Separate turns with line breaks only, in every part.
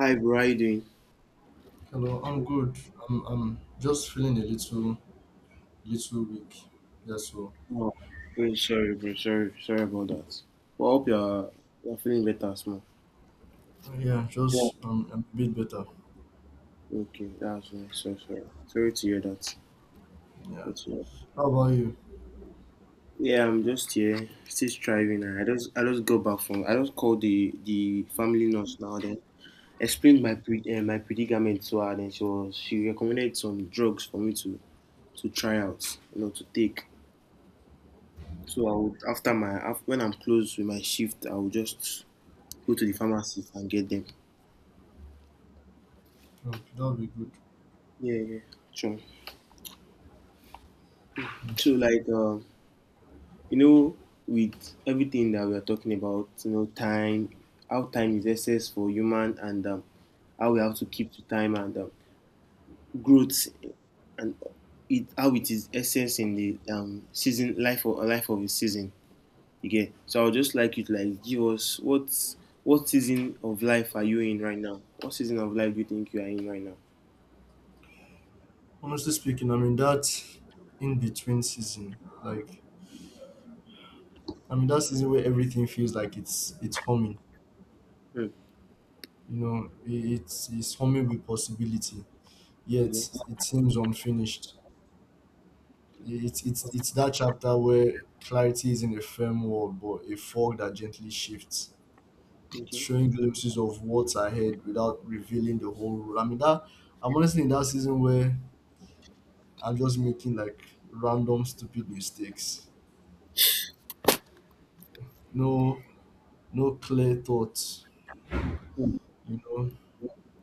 Hi, bro. How you doing?
Hello, I'm good. I'm just feeling a little weak. Yeah, so
Oh, really sorry, bro. Sorry about that. Well, I hope you're feeling better, small.
yeah,
Yeah.
just I'm a bit better.
Okay, that's nice. So sorry to hear that.
Yeah.
That's all right.
How about you?
Yeah, I'm just here, still striving. And I just got back from. I just called the family nurse now. Then explained my my predicament to her. Then she recommended some drugs for me to try out. You know, to take. So I would, when I'm close with my shift, I would just go to the pharmacy and get them.
Okay, that'll be good.
Yeah, true.
Mm.
So, like, you know, with everything that we are talking about, you know, time, how time is excess for human, and how we have to keep to time, and growth, and it how it is essence in the season life or life of a season. Again, so I would just like you to like give us what season of life are you in right now? What season of life do you think you are in right now?
Honestly speaking, I'm in that in between season. Like, I'm in that season where everything feels like it's humming.
Hmm.
You know, it's humming with possibility. Yet
Okay.
it seems unfinished. It's that chapter where clarity is in a firm wall, but a fog that gently shifts,
Thank you.
showing glimpses of what's ahead without revealing the whole role. I mean, that I'm honestly in that season where I'm just making, like, random stupid mistakes. No, no clear thoughts,
Hmm.
you know,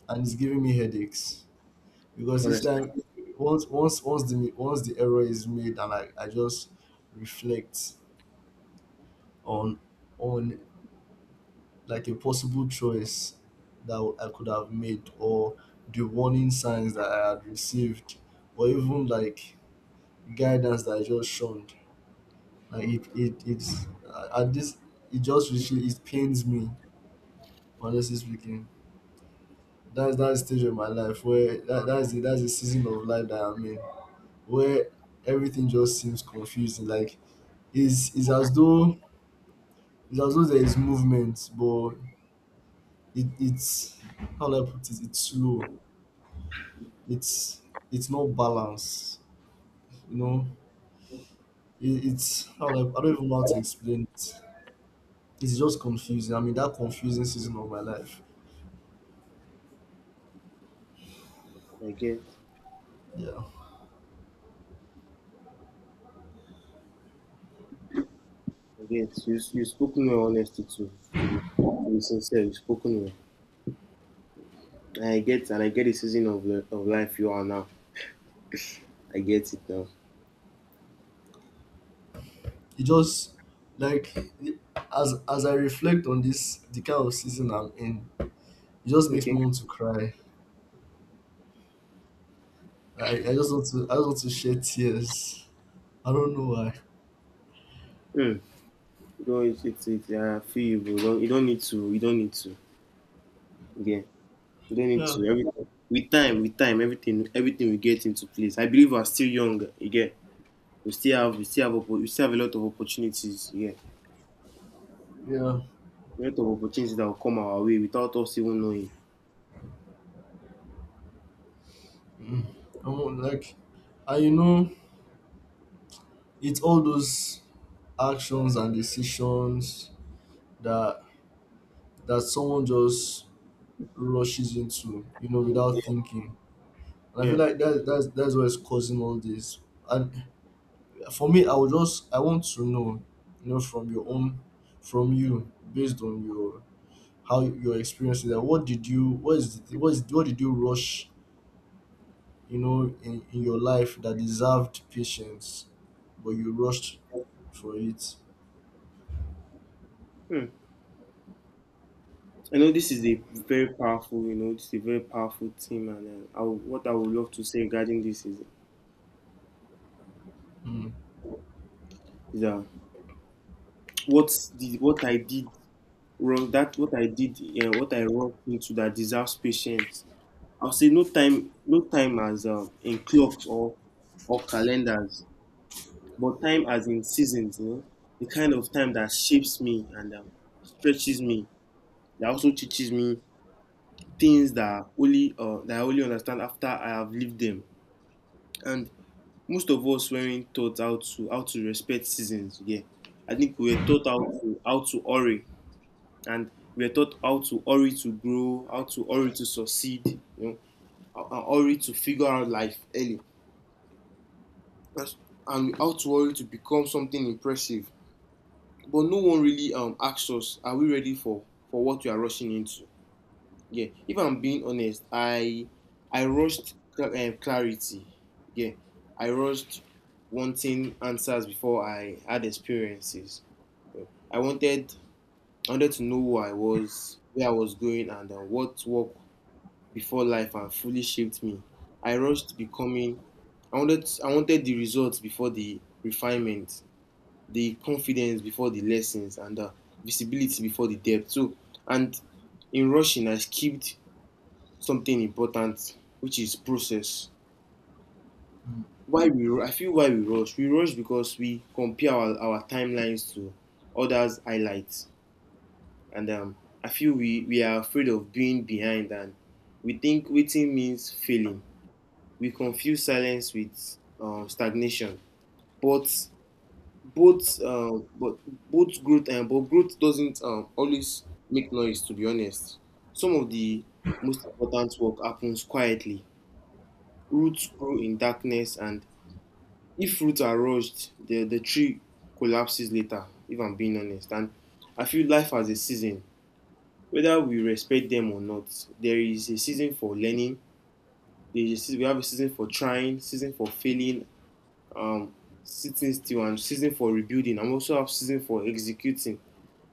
and it's giving me headaches. Because each time
Understand
once the error is made and I just reflect on on like a possible choice that I could have made, or the warning signs that I had received, or even like guidance that I just shunned. Like it, it, it's uh, and this it just really, it pains me, honestly speaking. That's that stage of my life where that's the season of life that I'm in, where everything just seems confusing. Like, it's as though, it's as though there is movement, but it's how do I put it? It's slow. It's it's not balanced. You know, it's how do I don't even know how to explain it. It's just confusing. I'm in that confusing season of my life.
again.
Yeah.
I get you. You spoken with honesty, to to be sincere. You spoken with. I get, and I get the of life you are now. I get it now.
It just, like, as I reflect on this the kind of season I'm in, it just makes
Okay.
me want to cry. I just want to I just want to shed tears. I don't know why.
Mm. You know, it's feel you, bro. Don't, you don't need to. You don't need to. Yeah. You don't need
Yeah.
to. Everything with time. With time, everything will get into place. I believe we're still young. Again, we still we still have a lot of opportunities. Yeah.
Yeah.
A lot of opportunities that will come our way without us even knowing.
Mm. I want, like, and, you know, it's all those actions and decisions that that someone just rushes into, you know,
Yeah.
without thinking. And I feel
Yeah.
like that's that's what's causing all this. And for me, I would just, I want to know, you know, from your own, from you, based on your, how your experience is. That what did you, what is the, what is what did you rush, you know, in your life that deserved patience, but you rushed for it.
Hmm. I know this is a very powerful, you know, this is a very powerful team, and what I would love to say regarding this is,
Mm,
is uh, what I did wrong, that what I did, yeah, what I wrong into that deserves patience. I'll say no time, no time as in clocks or calendars, but time as in seasons, you know, the kind of time that shapes me, and stretches me, that also teaches me things that only that I only understand after I have lived them, and most of us weren't taught how to respect seasons. Yeah, I think we were taught how to hurry, and we were taught how to hurry to grow, how to hurry to succeed, you know, how hurry to figure out life early. That's- and how to hurry to become something impressive, but no one really asks us, are we ready for what we are rushing into? Yeah, if I'm being honest, I rushed clarity. Yeah, I rushed wanting answers before I had experiences. Yeah. I wanted I wanted to know who I was, where I was going, and what work before life and fully shaped me. I rushed becoming. I wanted the results before the refinement, the confidence before the lessons, and the visibility before the depth. So, and in rushing, I skipped something important, which is process.
mm,
I feel why we rush. We rush because we compare our timelines to others' highlights, and I feel we are afraid of being behind, and we think waiting means failing. We confuse silence with stagnation, but both um, but both growth and but growth doesn't always make noise. To be honest, some of the most important work happens quietly. Roots grow in darkness, and if fruits are rushed, the tree collapses later, if I'm being honest. And I feel life has a season. Whether we respect them or not, there is a season for learning. There is a season We have a season for trying, season for failing, um sitting still, and season for rebuilding, and we also have season for executing.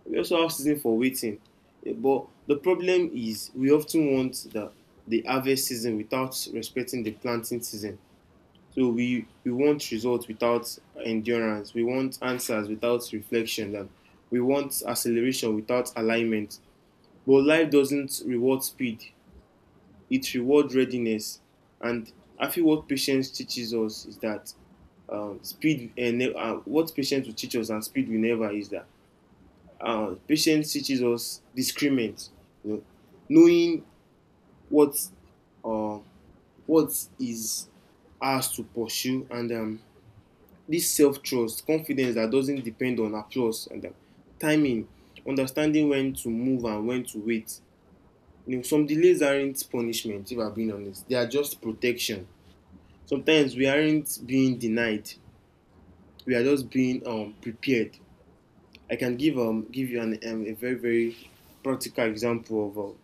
We also have season for waiting. Eh, but the problem is we often want the harvest season without respecting the planting season. So we want results without endurance. We want answers without reflection. And we want acceleration without alignment. But life doesn't reward speed, it rewards readiness. And I feel what patience teaches us is that speed and what patience will teach us and speed will never is that patience teaches us discernment, you know, knowing what uh, what is ours to pursue, and this self-trust, confidence that doesn't depend on applause, and timing, understanding when to move and when to wait. You know, some delays aren't punishment, if I'm being honest. They are just protection. Sometimes we aren't being denied. We are just being prepared. I can give you an a very very practical example of um,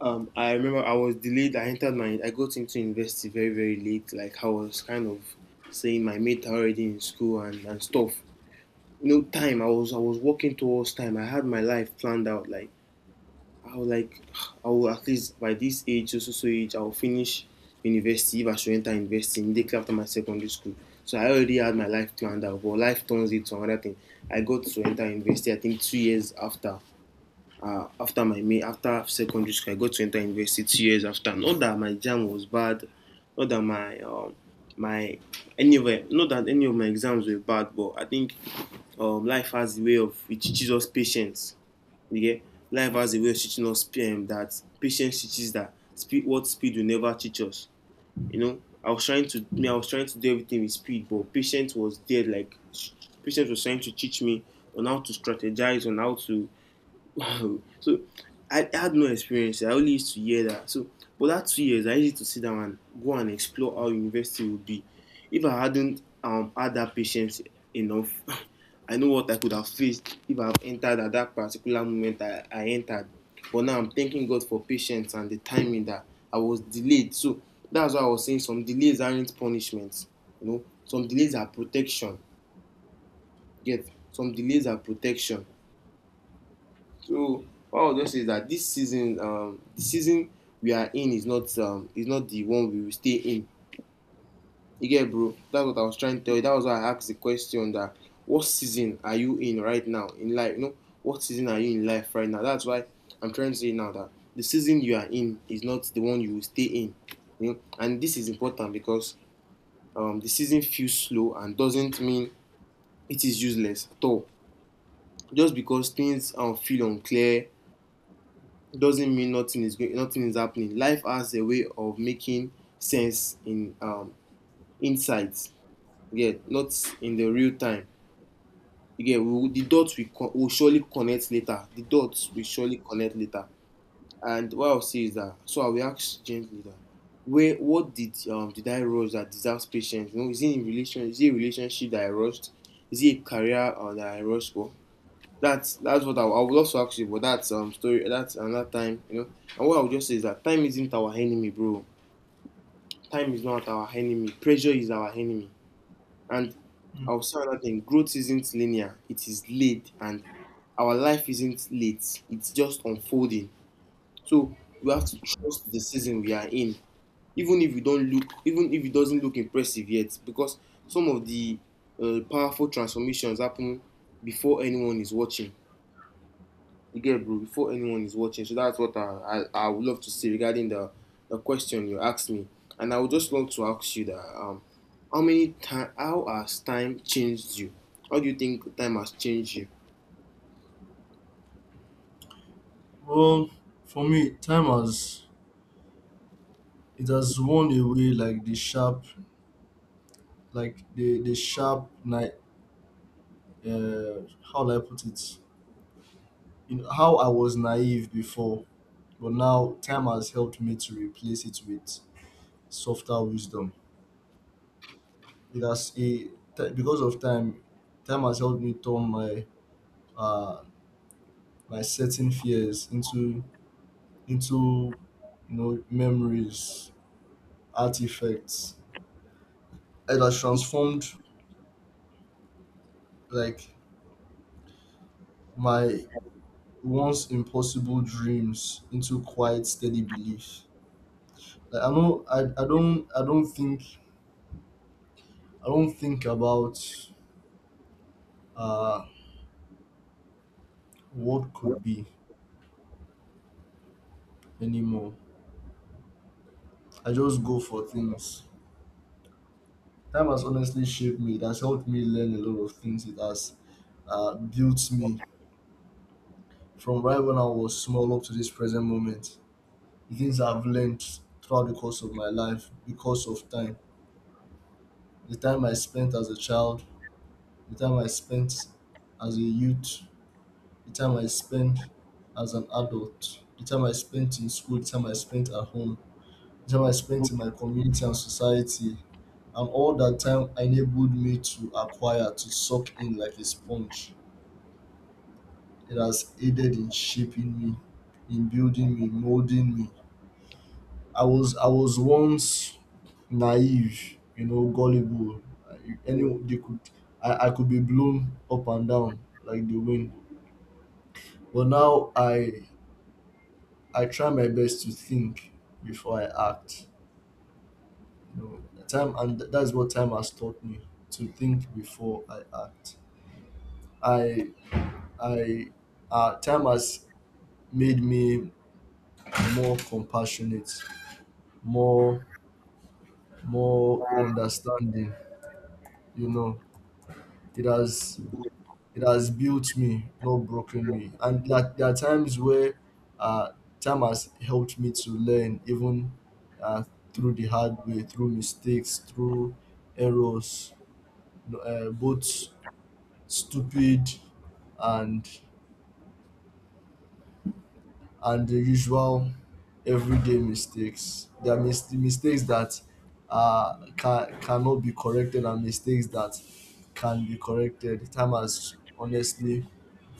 um I remember I was delayed. I entered my I got into university very very late. Like I was kind of saying my mate are already in school and stuff. You know, time, I was working towards time. I had my life planned out. Like I was like, I will at least by this age, so so so age, I will finish university if I should enter university immediately after my secondary school. So I already had my life planned out, but life turns it to another thing. I got to enter university, I think 2 years after, after my main after secondary school. I got to enter university 2 years after. Not that my jam was bad, not that my my anyway. Not that any of my exams were bad, but I think, life has a way of it teaches us patience. You get, life has a way of teaching us that patience teaches that speed what speed will never teach us. You know, I was trying to do everything with speed, but patience was there. Like patience was trying to teach me on how to strategize, on how to. Wow! So I had no experience. I only used to hear that. So, but that 2 years, I used to sit down and go and explore how university would be. If I hadn't had that patience enough, I know what I could have faced if I have entered at that particular moment I entered. But now I'm thanking God for patience and the timing that I was delayed. So that's why I was saying some delays aren't punishments. You know, some delays are protection. Get, some delays are protection. So what I would just say is that this season, the season we are in is not the one we will stay in. You get, bro? That's what I was trying to tell you. That was why I asked the question that, what season are you in right now in life? You know, what season are you in life right now? That's why I'm trying to say now that the season you are in is not the one you will stay in. You know, and this is important because the season feels slow and doesn't mean it is useless at all. Just because things feel unclear doesn't mean nothing is happening. Life has a way of making sense in insights, yeah, not in the real time. The will surely connect later. The dots will surely connect later. And what I'll say is that, so I will ask gently that where what did I rush that deserves patience? You know, is it in relation, is it a relationship that I rushed? Is it a career, that I rushed for? That's what I would love to ask you, but that's story, that's another time, you know. And what I would just say is that time isn't our enemy, bro. Time is not our enemy. Pressure is our enemy. And
mm.
I'll say another thing: growth isn't linear. It is laid, and our life isn't late. It's just unfolding. So we have to trust the season we are in, even if you don't look, even if it doesn't look impressive yet, because some of the powerful transformations happen before anyone is watching. You get it, bro, before anyone is watching. So that's what I would love to see regarding the question you asked me. And I would just love to ask you that how has time changed you? How do you think time has changed you?
Well, for me, time has, it has worn away like the sharp night. How do I put it? You know, how I was naive before, but now time has helped me to replace it with softer wisdom. It has a because of time, time has helped me turn my uh my certain fears into, you know, memories, artifacts. It has transformed, like, my once impossible dreams into quiet, steady belief. Like, I know, I don't think, I don't think about uh what could be anymore. I just go for things. Time has honestly shaped me. It has helped me learn a lot of things. It has built me from right when I was small up to this present moment. The things I've learned throughout the course of my life because of time. The time I spent as a child, the time I spent as a youth, the time I spent as an adult, the time I spent in school, the time I spent at home, time I spent in my community and society, and all that time enabled me to acquire, to soak in like a sponge. It has aided in shaping me, in building me, molding me. I was once naive, you know, gullible. I- Any
Yeah.
they could I could be blown up and down like the wind. But now I try my best to think before I act. Time, and that's what time has taught me, to think before I act. I I Time has made me more compassionate, more, more understanding, you know. It has it has built me, not broken me. And, like, there are times where uh, time has helped me to learn even uh, through the hard way, through mistakes, through errors, both stupid and and the usual everyday mistakes. There are mistakes that cannot be corrected and mistakes that can be corrected. Time has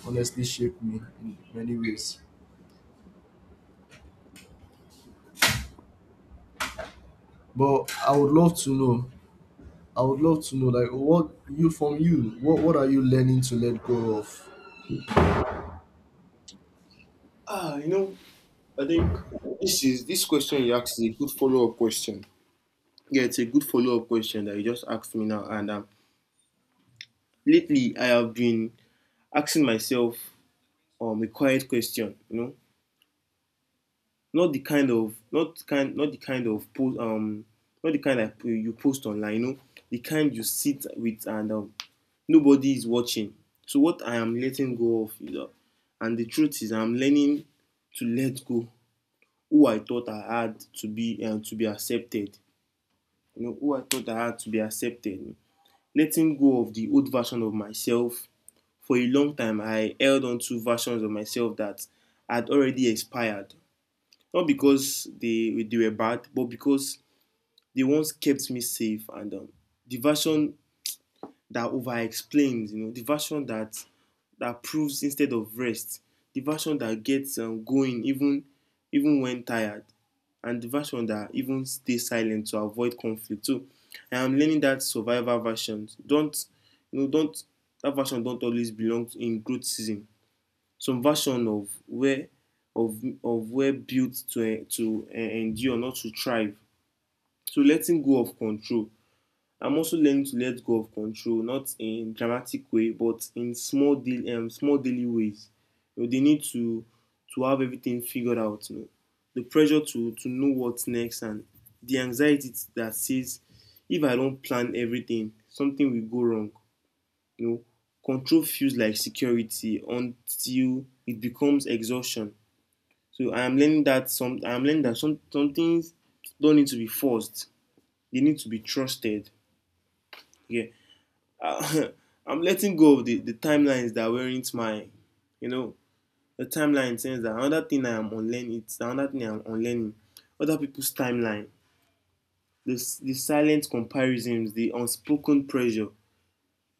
honestly shaped me in many ways. But I would love to know. I would love to know, like, what you, from you. What are you learning to let go of?
Ah, you know, I think this question you asked is a good follow up question. Yeah, it's a good follow up question that you just asked me now. And Lately, I have been asking myself a quiet question. You know, not the kind of not kind not the kind of post not the kind that you post online, you know, the kind you sit with and nobody is watching. So what I am letting go of is and the truth is, I'm learning to let go who I thought I had to be and to be accepted. You know, who I thought I had to be accepted. Letting go of the old version of myself. For a long time I held on to versions of myself that had already expired, not because they were bad, but because they once kept me safe. And the version that over explains, you know, the version that proves instead of rest, the version that gets going even when tired, and the version that even stays silent to avoid conflict. So I am learning that survivor version Don't you know? Don't that Version don't always belong in growth season. Some version of where of where built to endure, not to thrive. So letting go of control. I'm also learning to let go of control, not in dramatic way, but in small daily ways. You know, they need to have everything figured out. You know, the pressure to know what's next, and the anxiety that says if I don't plan everything, something will go wrong. You know, control feels like security until it becomes exhaustion. So I am learning that some things don't need to be forced. They need to be trusted. Yeah, uh, I'm letting go of the timelines that weren't mine. You know, the timeline says that another thing I am unlearning. It's another thing I am unlearning. Other people's timeline. The silent comparisons, the unspoken pressure.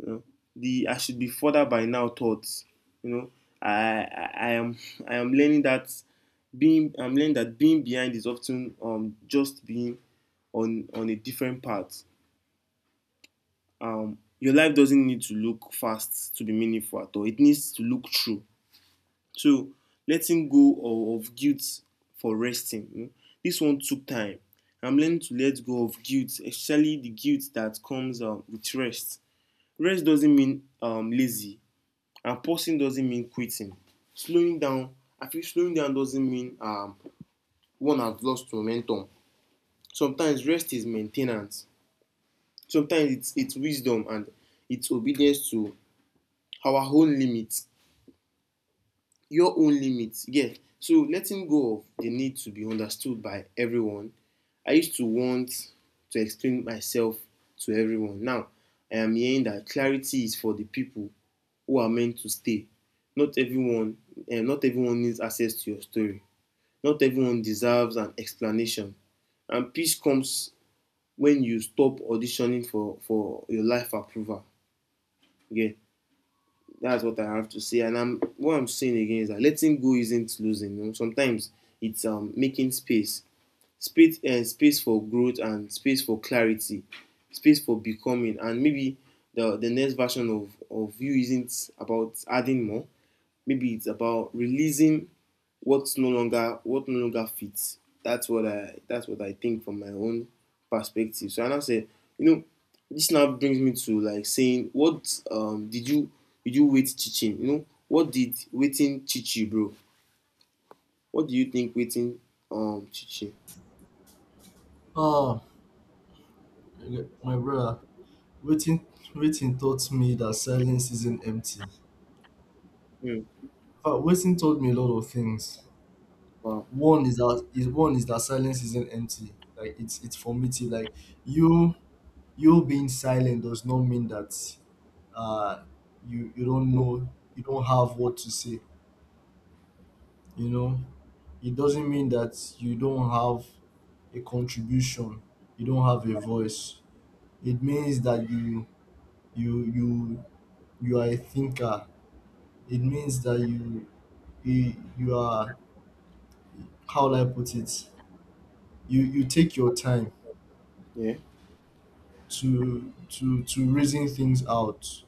You know, the I should be further by now thoughts. You know, I I, I am I am learning that being I'm learning that being behind is often just being on a different path. Your life doesn't need to look fast to be meaningful at all. It needs to look true. So letting go of guilt for resting. You know, this one took time. I'm learning to let go of guilt, especially the guilt that comes with rest. Rest doesn't mean lazy. And pausing doesn't mean quitting. Slowing down, I feel slowing down doesn't mean one has lost momentum. Sometimes rest is maintenance. Sometimes it's wisdom, and it's obedience to our own limits. Your own limits, yeah. So letting go of the need to be understood by everyone. I used to want to explain myself to everyone. Now, I am hearing that clarity is for the people who are meant to stay. Not everyone. Uh, not everyone needs access to your story. Not everyone deserves an explanation, and peace comes when you stop auditioning for your life approval. Okay, that's what I have to say. And I'm what I'm saying again is that letting go isn't losing. You know, sometimes it's making space, space for growth and space for clarity, space for becoming, and maybe the next version of you isn't about adding more. Maybe it's about releasing what no longer fits. That's what I think from my own perspective. So I now say, you know, this now brings me to like saying, what did you wait teaching? You know, what did waiting teach you, bro? What do you think waiting teach you?
Oh, my brother, waiting waiting taught me that silence isn't empty.
Hmm.
But Wilson told me a lot of things.
Wow.
One is that silence isn't empty. Like, it's formative. Like, you you being silent does not mean that, uh you, you don't know, you don't have what to say. You know, it doesn't mean that you don't have a contribution. You don't have a voice. It means that you you are a thinker. It means that you are, how will I put it, you take your time
Yeah.
to to reason things out.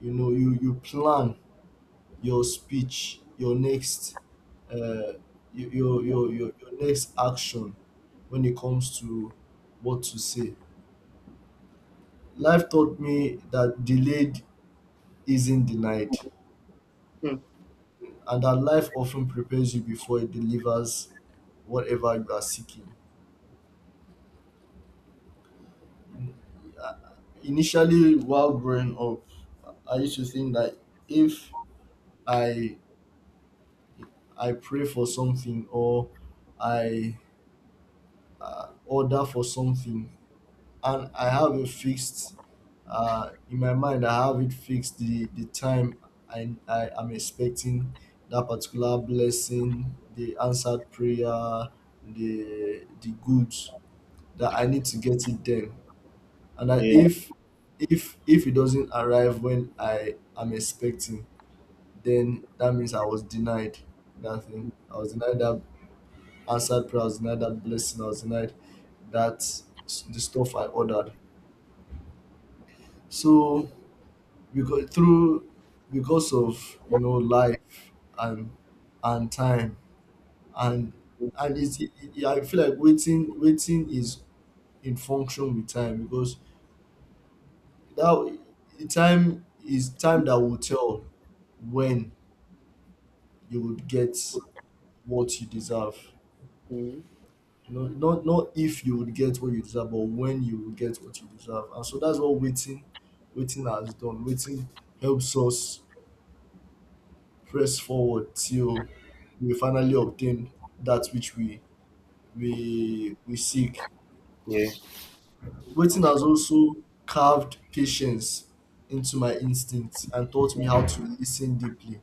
You know, you plan your speech, your next uh your your next action when it comes to what to say. Life taught me that delayed isn't denied,
Hmm.
and that life often prepares you before it delivers whatever you are seeking. Uh, initially, while growing up, I used to think that if i I pray for something, or I order for something, and I have a fixed, in my mind, I have it fixed, the time I am expecting that particular blessing, the answered prayer, the goods that I need to get it then, and I,
Yeah.
if it doesn't arrive when I am expecting, then that means I was denied that thing. I was denied that outside price night, that blessing. I was denied that the stuff I ordered. So, because through, because of, you know, life and and time and I feel like waiting is in function with time, because that, the time is time that will tell when you would get what you deserve.
Hmm.
No, not, not if you would get what you deserve, but when you will get what you deserve. And so that's what waiting has done. Waiting helps us press forward till we finally obtain that which we we seek.
Yeah.
Waiting has also carved patience into my instincts and taught me how to listen deeply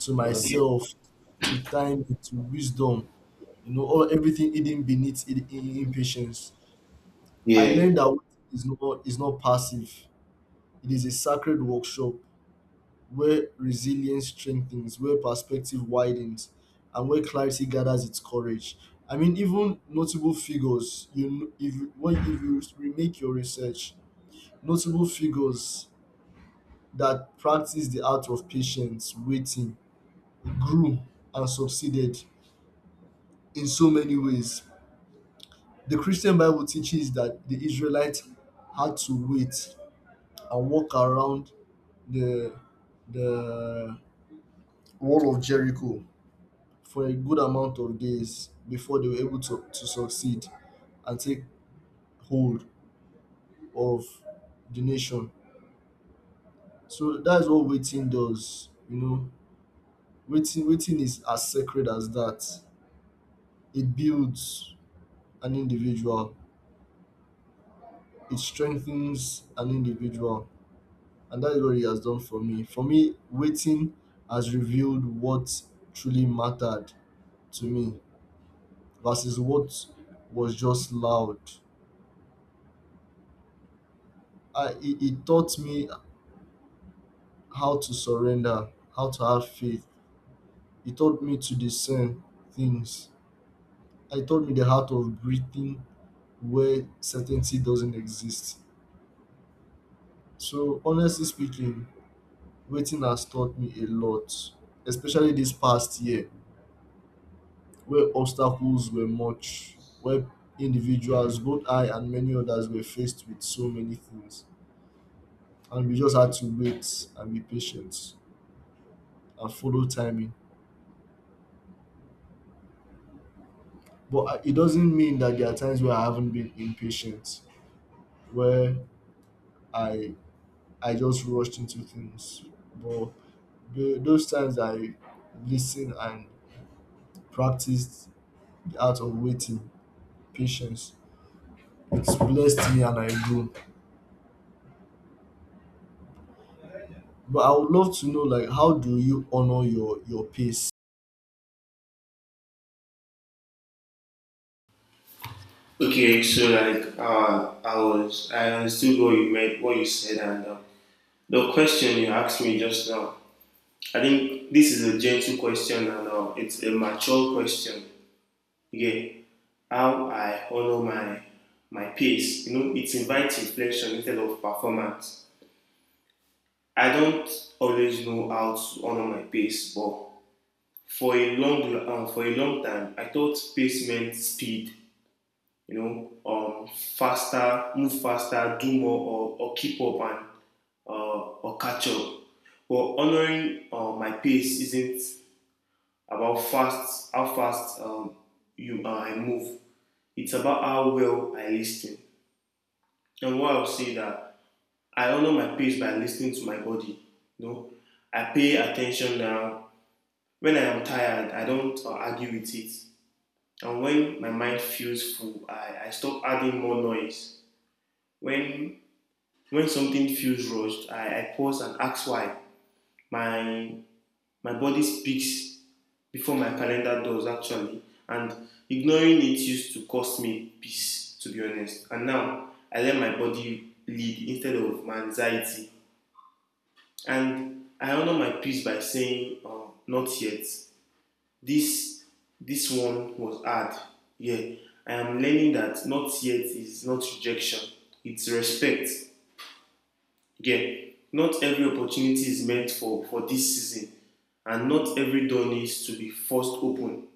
to
Okay. Okay.
myself, to time, to wisdom. You know, all, everything hidden beneath impatience. I
Yeah.
learned that waiting is not passive. It is a sacred workshop where resilience strengthens, where perspective widens, and where clarity gathers its courage. I mean, even notable figures, you if you, when if you remake your research, notable figures that practice the art of patience, waiting, grew and succeeded in so many ways. The Christian Bible teaches that the Israelites had to wait and walk around the the wall of Jericho for a good amount of days before they were able to succeed and take hold of the nation. So that's what waiting does, you know. Waiting is as sacred as that. It builds an individual, it strengthens an individual. And that is what he has done for me. For me, waiting has revealed what truly mattered to me, versus what was just loud. It taught me how to surrender, how to have faith. It taught me to discern things. It taught me the heart of breathing where certainty doesn't exist. So, honestly speaking, waiting has taught me a lot, especially this past year, where obstacles were much, where individuals, both I and many others, were faced with so many things. And we just had to wait and be patient, and follow timing. But I, it doesn't mean that there are times where I haven't been impatient, where I I just rushed into things. But the, those times I listened and practiced the art of waiting, patience, it's blessed me and I grew. But I would love to know, like, how do you honor your pace?
Okay. So like, I understood what you meant, what you said, and the question you asked me just now. I think this is a gentle question, and it's a mature question. Again, how I honor my pace, you know, it invites reflection instead of performance. I don't always know how to honor my pace, but for a long time, I thought pace meant speed, you know, faster, move faster, do more, or keep up and or catch up. But honoring my pace isn't about fast how fast you I move. It's about how well I listen. And what I'll say that I honor my pace by listening to my body. You know, I pay attention now. When I am tired, I don't argue with it. And when my mind feels full, I stop adding more noise. When when something feels rushed, I pause and ask why. My my body speaks before my calendar does actually. And ignoring it used to cost me peace, to be honest. And now I let my body lead instead of my anxiety. And I honor my peace by saying, not yet. This this one was hard. Yeah. I am learning that not yet is not rejection, it's respect. Yeah. Not every opportunity is meant for this season, and not every door needs to be forced open.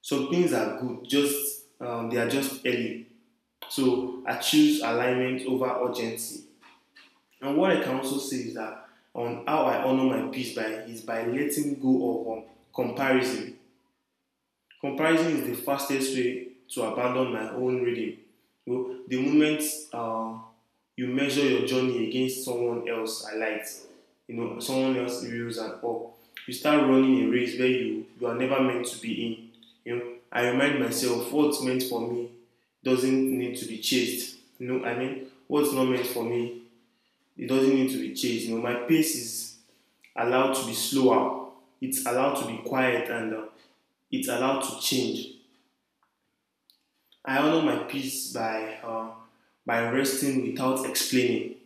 Some things are good, just they are just early. So I choose alignment over urgency. And what I can also say is that on how I honor my peace by is by letting go of comparison. Comparison is the fastest way to abandon my own reading. You know, the moment uh, you measure your journey against someone else's I like, you know, someone else's views and all, you start running a race where you are never meant to be in. You know, I remind myself what's meant for me doesn't need to be chased. You know, I mean, what's not meant for me, it doesn't need to be chased. You know, my pace is allowed to be slower. It's allowed to be quiet, and it's allowed to change. I honor my peace by resting without explaining.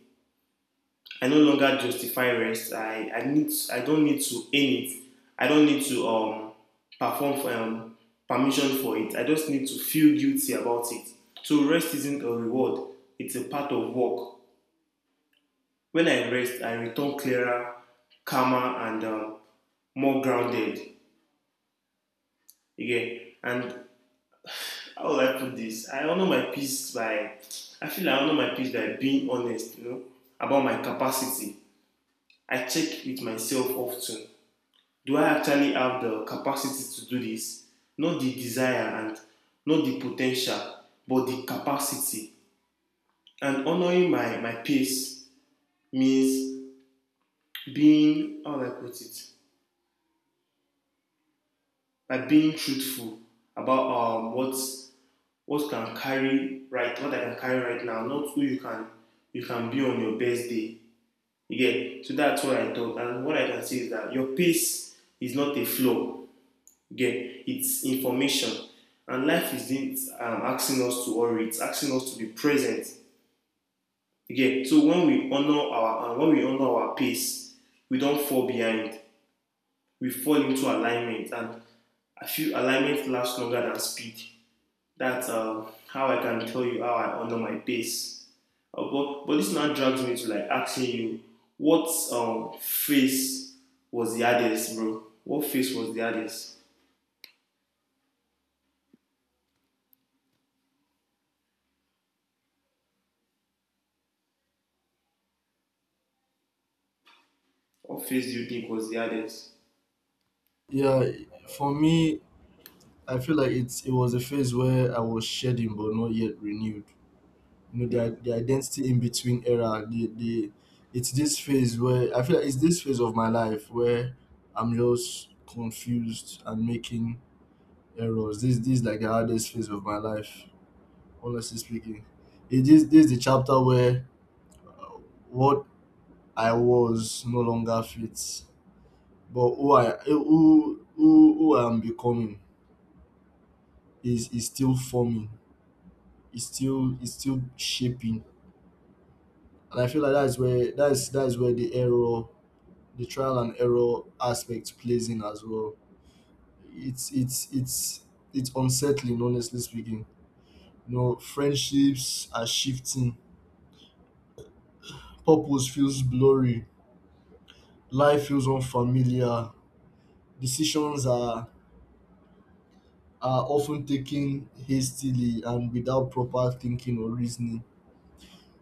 I no longer justify rest. I don't need to earn it. I don't need to perform for permission for it. I just need to feel guilty about it. So rest isn't a reward. It's a part of work. When I rest, I return clearer, calmer, and more grounded. Again, and how will I put this? I honor my peace by I honor my peace by being honest, you know, about my capacity. I check with myself often. Do I actually have the capacity to do this? Not the desire and not the potential, but the capacity. And honoring my pace means being, how do I put it? By being truthful about what can carry right what I can carry right now, not who you can be on your best day. You, so that's what I thought, and what I can say is that your pace is not a flow. You, it's information, and life isn't asking us to worry; it's asking us to be present. You, so when we honor our pace, we don't fall behind. We fall into alignment, and I feel alignment lasts longer than speed. That's how I can tell you how I honor my pace. But this now drags me to like asking you, what face was the hardest, bro? What face was the hardest? What face do you think was the hardest?
Yeah, for me, I feel like it was a phase where I was shedding but not yet renewed. You know,
Yeah.
the identity in between era. The It's this phase where I feel like it's this phase of my life where I'm just confused and making errors. This is like the hardest phase of my life, honestly speaking. It is, this is the chapter where uh, what I was no longer fits, but who I am becoming is still forming. It's still shaping. And I feel like that's where, that's where the error, the trial and error aspect plays in as well. It's it's unsettling, honestly speaking. You know, friendships are shifting. Purpose feels blurry. Life feels unfamiliar. Decisions are often taken hastily and without proper thinking or reasoning.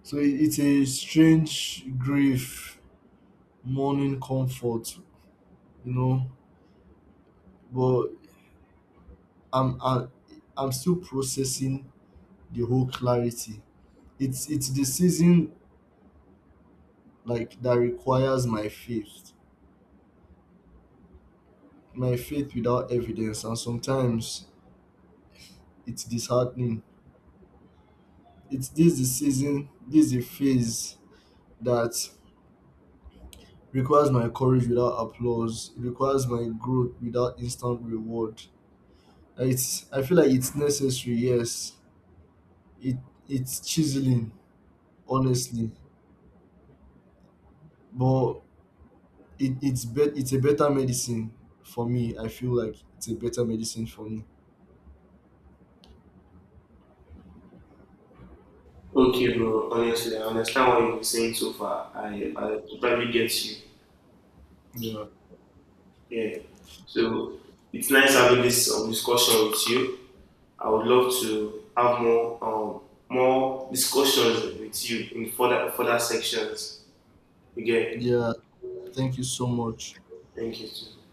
So it's a strange grief, mourning comfort, you know. But I, I'm still processing the whole clarity. It's the season like that requires my faith. My faith without evidence, and sometimes it's disheartening. It's this the season, this the phase that requires my courage without applause. It requires my growth without instant reward. It's, I feel like it's necessary, yes. It it's chiseling, honestly. But it's a better medicine for me. I feel like it's a better medicine for me.
Okay, bro. Honestly, I understand what you've been saying so far. I totally get you.
Yeah.
Yeah. So it's nice having this discussion with you. I would love to have more more discussions with you in further sections. Again,
Yeah. Thank you so much.
thank you.